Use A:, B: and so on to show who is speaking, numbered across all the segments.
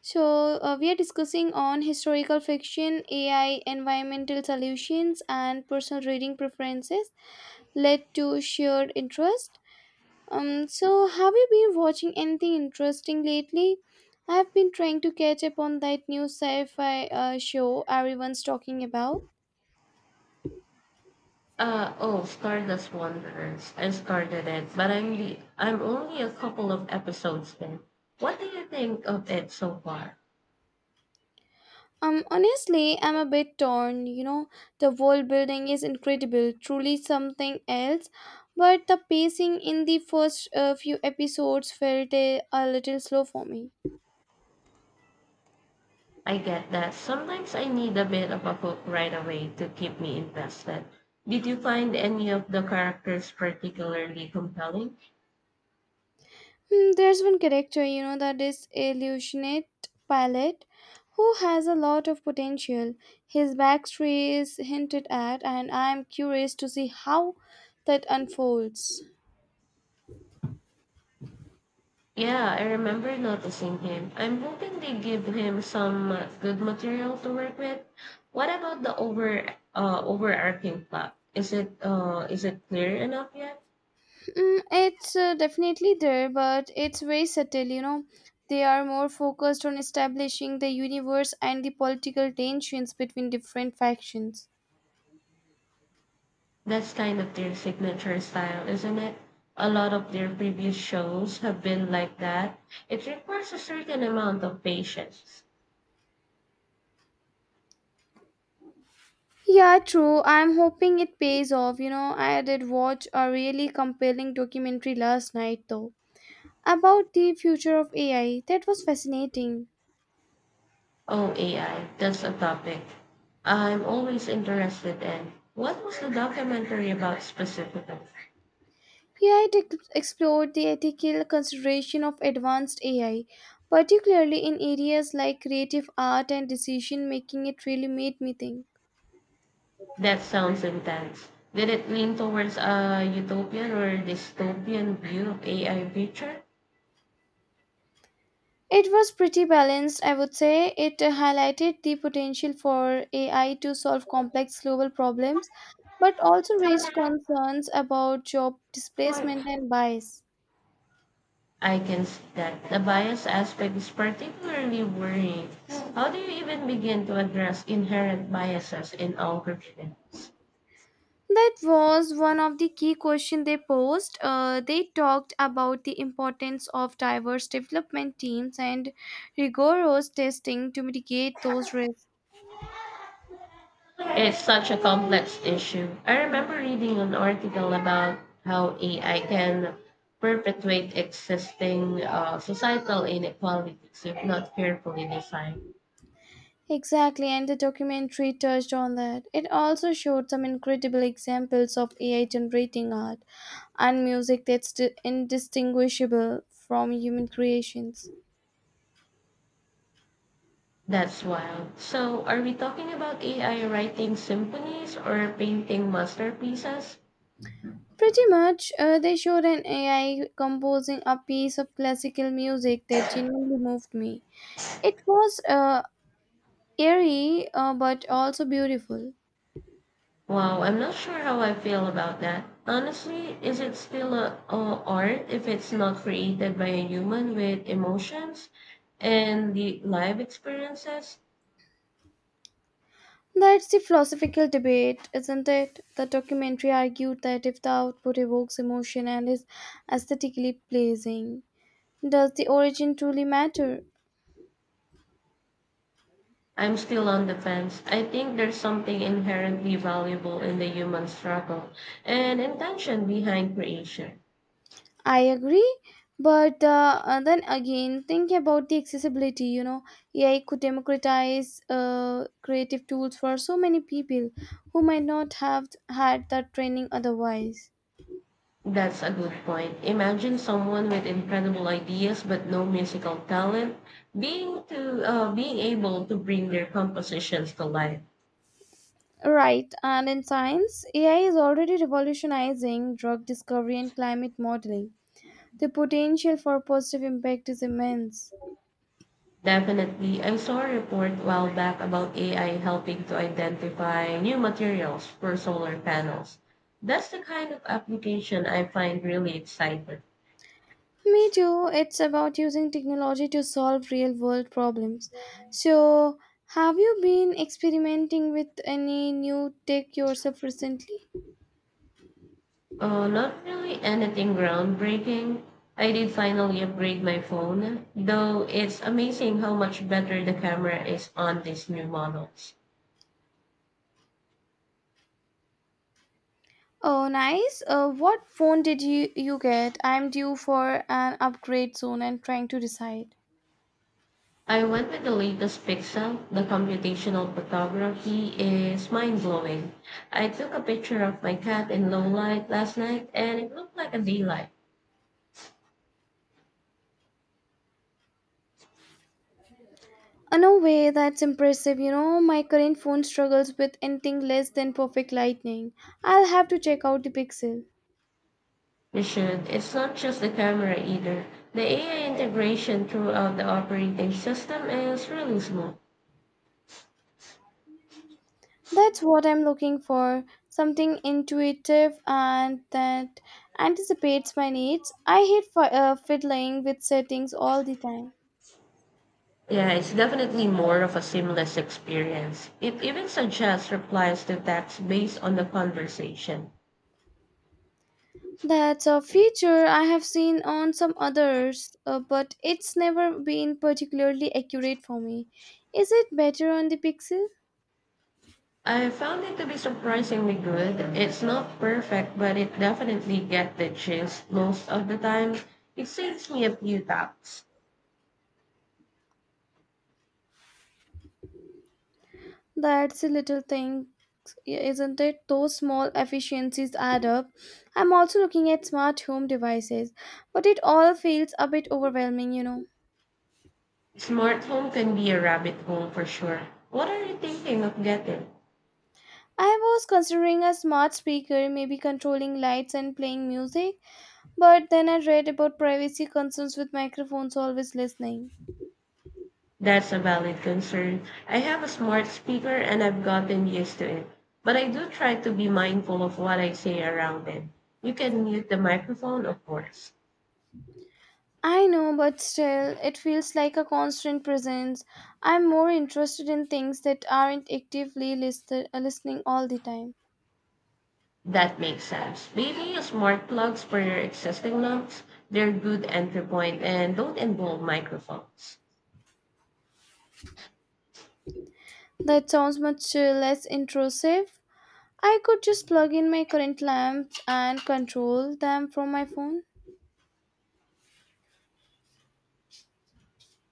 A: So, we are discussing on historical fiction, AI, environmental solutions, and personal reading preferences led to shared interest. So, have you been watching anything interesting lately? I've been trying to catch up on that new sci fi show everyone's talking about.
B: Oh, Stardust Wanderers. I started it, but I'm only a couple of episodes in. What do you think of it so far?
A: Honestly, I'm a bit torn. The world building is incredible, truly something else. But the pacing in the first few episodes felt a little slow for me.
B: I get that sometimes I need a bit of a hook right away to keep me invested. Did you find any of the characters particularly compelling?
A: Hmm, there's one character, you know, that is Illusionate Pilot, who has a lot of potential. His backstory is hinted at, and I'm curious to see how that unfolds.
B: Yeah, I remember noticing him. I'm hoping they give him some good material to work with. What about the overarching plot? Is it clear enough yet?
A: Mm, it's definitely there, but it's very subtle. They are more focused on establishing the universe and the political tensions between different factions.
B: That's kind of their signature style, isn't it? A lot of their previous shows have been like that. It requires a certain amount of patience.
A: Yeah, true. I'm hoping it pays off. You know, I did watch a really compelling documentary last night, though, about the future of AI. That was fascinating.
B: Oh, AI, that's a topic I'm always interested in. What was the documentary about specifically?
A: AI to explored the ethical consideration of advanced AI, particularly in areas like creative art and decision making. It really made me think.
B: That sounds intense. Did it lean towards a utopian or dystopian view of AI future?
A: It was pretty balanced, I would say. It highlighted the potential for AI to solve complex global problems, but also raised concerns about job displacement and bias.
B: I can see that the bias aspect is particularly worrying. How do you even begin to address inherent biases in all professions?
A: That was one of the key questions they posed. They talked about the importance of diverse development teams and rigorous testing to mitigate those risks.
B: It's such a complex issue. I remember reading an article about how AI can perpetuate existing societal inequalities if not carefully designed.
A: Exactly, and the documentary touched on that. It also showed some incredible examples of AI generating art and music that's indistinguishable from human creations.
B: That's wild. So, are we talking about AI writing symphonies or painting masterpieces?
A: Pretty much, they showed an AI composing a piece of classical music that genuinely moved me. It was eerie but also beautiful.
B: Wow, I'm not sure how I feel about that. Honestly, is it still a art if it's not created by a human with emotions and the live experiences?
A: That's the philosophical debate, isn't it? The documentary argued that if the output evokes emotion and is aesthetically pleasing, does the origin truly matter?
B: I'm still on the fence. I think there's something inherently valuable in the human struggle and intention behind creation.
A: I agree, but then again, think about the accessibility. You know, AI could democratize creative tools for so many people who might not have had that training otherwise.
B: That's a good point. Imagine someone with incredible ideas but no musical talent being able to bring their compositions to life.
A: Right, and in science, AI is already revolutionizing drug discovery and climate modeling. The potential for positive impact is immense.
B: Definitely. I saw a report a while back about AI helping to identify new materials for solar panels. That's the kind of application I find really exciting.
A: Me too, it's about using technology to solve real world problems. So, have you been experimenting with any new tech yourself recently?
B: Not really anything groundbreaking. I did finally upgrade my phone, though it's amazing how much better the camera is on these new models.
A: Oh, nice. What phone did you get? I'm due for an upgrade soon and trying to decide.
B: I went with the latest Pixel. The computational photography is mind blowing. I took a picture of my cat in low light last night and it looked like a daylight.
A: No way, that's impressive. You know, my current phone struggles with anything less than perfect lightning. I'll have to check out the Pixel.
B: You should. It's not just the camera either. The AI integration throughout the operating system is really smooth.
A: That's what I'm looking for something intuitive and that anticipates my needs. I hate fiddling with settings all the time.
B: Yeah, it's definitely more of a seamless experience. It even suggests replies to text based on the conversation.
A: That's a feature I have seen on some others, but it's never been particularly accurate for me. Is it better on the Pixel?
B: I found it to be surprisingly good. It's not perfect, but it definitely get the gist most of the time. It saves me a few taps.
A: That's a little thing, yeah, isn't it? Those small efficiencies add up. I'm also looking at smart home devices, but it all feels a bit overwhelming, you know.
B: Smart home can be a rabbit hole for sure. What are you thinking of getting?
A: I was considering a smart speaker, maybe controlling lights and playing music, but then I read about privacy concerns with microphones always listening.
B: That's a valid concern. I have a smart speaker and I've gotten used to it, but I do try to be mindful of what I say around it. You can mute the microphone, of course.
A: I know, but still, it feels like a constant presence. I'm more interested in things that aren't actively listening all the time.
B: That makes sense. Maybe use smart plugs for your existing lamps. They're good entry point and don't involve microphones.
A: That sounds much less intrusive. I could just plug in my current lamps and control them from my phone.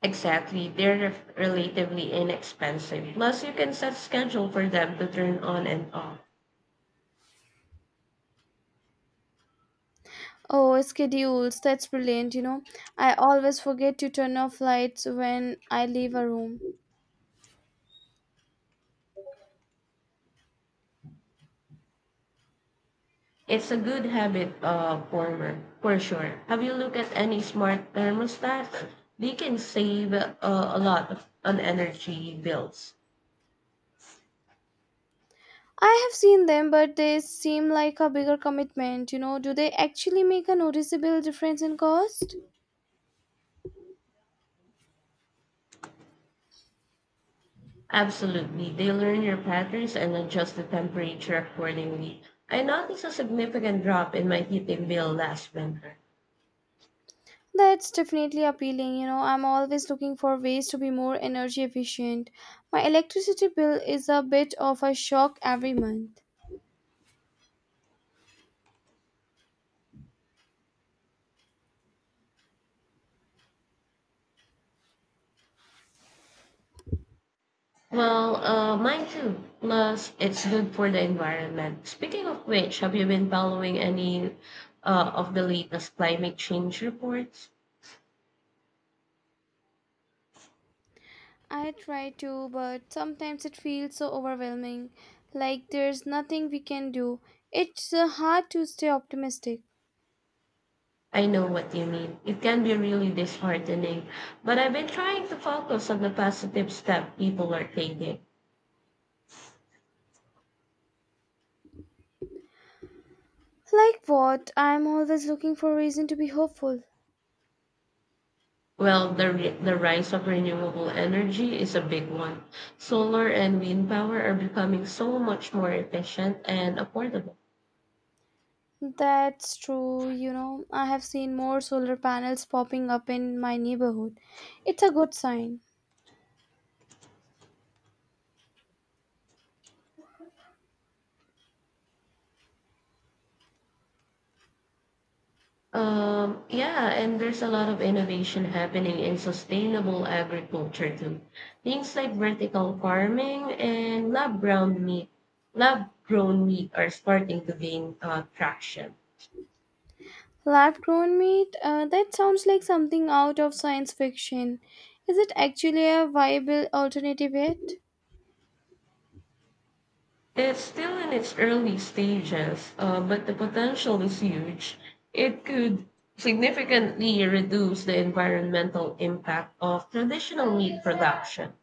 B: Exactly. Relatively inexpensive. Plus, you can set schedule for them to turn on and off.
A: Oh, schedules. That's brilliant, you know. I always forget to turn off lights when I leave a room.
B: It's a good habit for sure. Have you looked at any smart thermostats? They can save a lot of, on energy bills.
A: I have seen them, but they seem like a bigger commitment, you know. Do they actually make a noticeable difference in cost?
B: Absolutely. They learn your patterns and adjust the temperature accordingly. I noticed a significant drop in my heating bill last winter.
A: That's definitely appealing, you know. I'm always looking for ways to be more energy efficient. My electricity bill is a bit of a shock every month.
B: Well, mine too. Plus, it's good for the environment. Speaking of which, have you been following any of the latest climate change reports?
A: I try to, but sometimes it feels so overwhelming, like there's nothing we can do. It's hard to stay optimistic.
B: I know what you mean. It can be really disheartening, but I've been trying to focus on the positive step people are taking.
A: Like what? I'm always looking for a reason to be hopeful.
B: Well, the rise of renewable energy is a big one. Solar and wind power are becoming so much more efficient and affordable.
A: That's true, you know. I have seen more solar panels popping up in my neighborhood. It's a good sign.
B: Yeah, and there's a lot of innovation happening in sustainable agriculture too. Things like vertical farming and lab grown meat are starting to gain traction.
A: Lab grown meat? That sounds like something out of science fiction. Is it actually a viable alternative yet?
B: It's still in its early stages, but the potential is huge. It could significantly reduce the environmental impact of traditional meat production.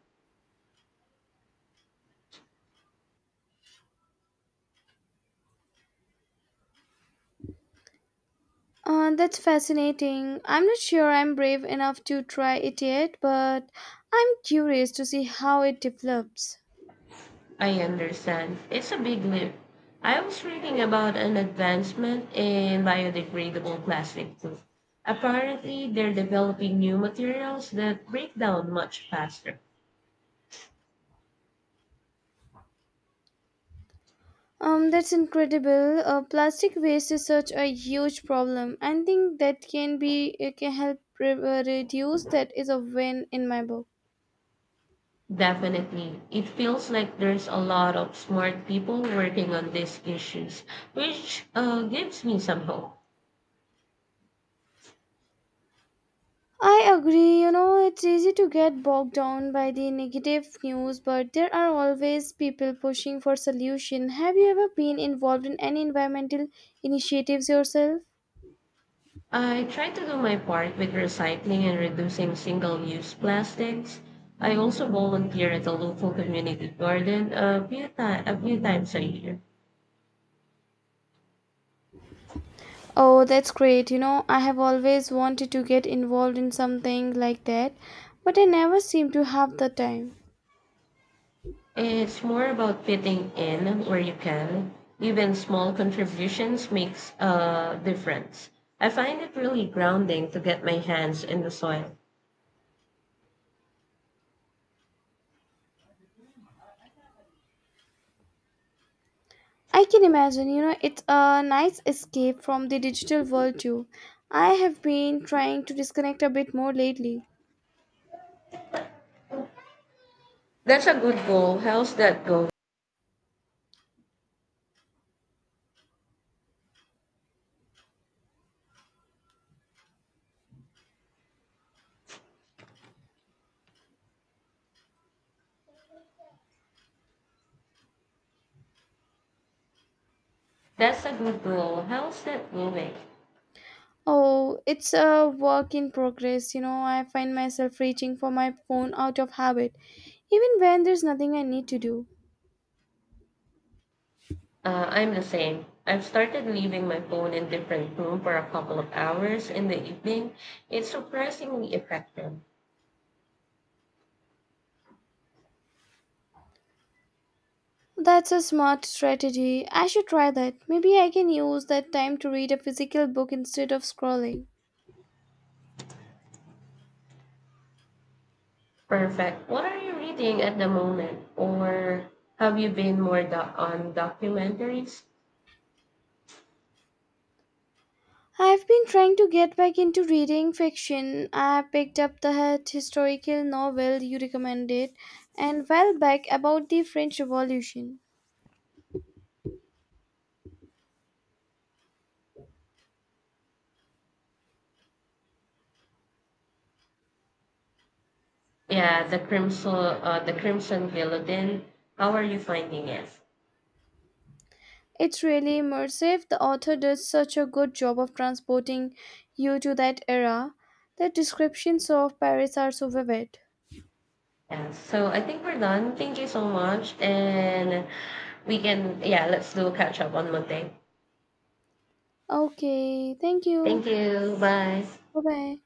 A: That's fascinating. I'm not sure I'm brave enough to try it yet, but I'm curious to see how it develops.
B: I understand. It's a big leap. I was reading about an advancement in biodegradable plastic too. Apparently, they're developing new materials that break down much faster.
A: That's incredible. Plastic waste is such a huge problem. I think that can be it can help reduce. That is a win in my book.
B: Definitely. It feels like there's a lot of smart people working on these issues, which gives me some hope.
A: I agree. You know, it's easy to get bogged down by the negative news, but there are always people pushing for solution. Have you ever been involved in any environmental initiatives yourself?
B: I try to do my part with recycling and reducing single use plastics. I also volunteer at a local community garden a few times a year.
A: Oh, that's great. You know, I have always wanted to get involved in something like that, but I never seem to have the time.
B: It's more about fitting in where you can. Even small contributions makes a difference. I find it really grounding to get my hands in the soil.
A: I can imagine, you know, it's a nice escape from the digital world too. I have been trying to disconnect a bit more lately.
B: That's a good goal. How's that go? That's a good goal. How's that going?
A: Oh, it's a work in progress. You know, I find myself reaching for my phone out of habit, even when there's nothing I need to do.
B: I'm the same. I've started leaving my phone in different room for a couple of hours in the evening. It's surprisingly effective.
A: That's a smart strategy. I should try that. Maybe I can use that time to read a physical book instead of scrolling.
B: Perfect. What are you reading at the moment? Or have you been more on documentaries?
A: I've been trying to get back into reading fiction. I picked up the hit historical novel you recommended and well back about the French Revolution.
B: Yeah, the Crimson Guillotine. How are you finding it?
A: It's really immersive. The author does such a good job of transporting you to that era. The descriptions of Paris are so vivid.
B: Yeah, so I think we're done. Thank you so much. And we can, yeah, let's do a catch up on Monday.
A: Okay, thank you.
B: Thank you. Bye.
A: Bye bye.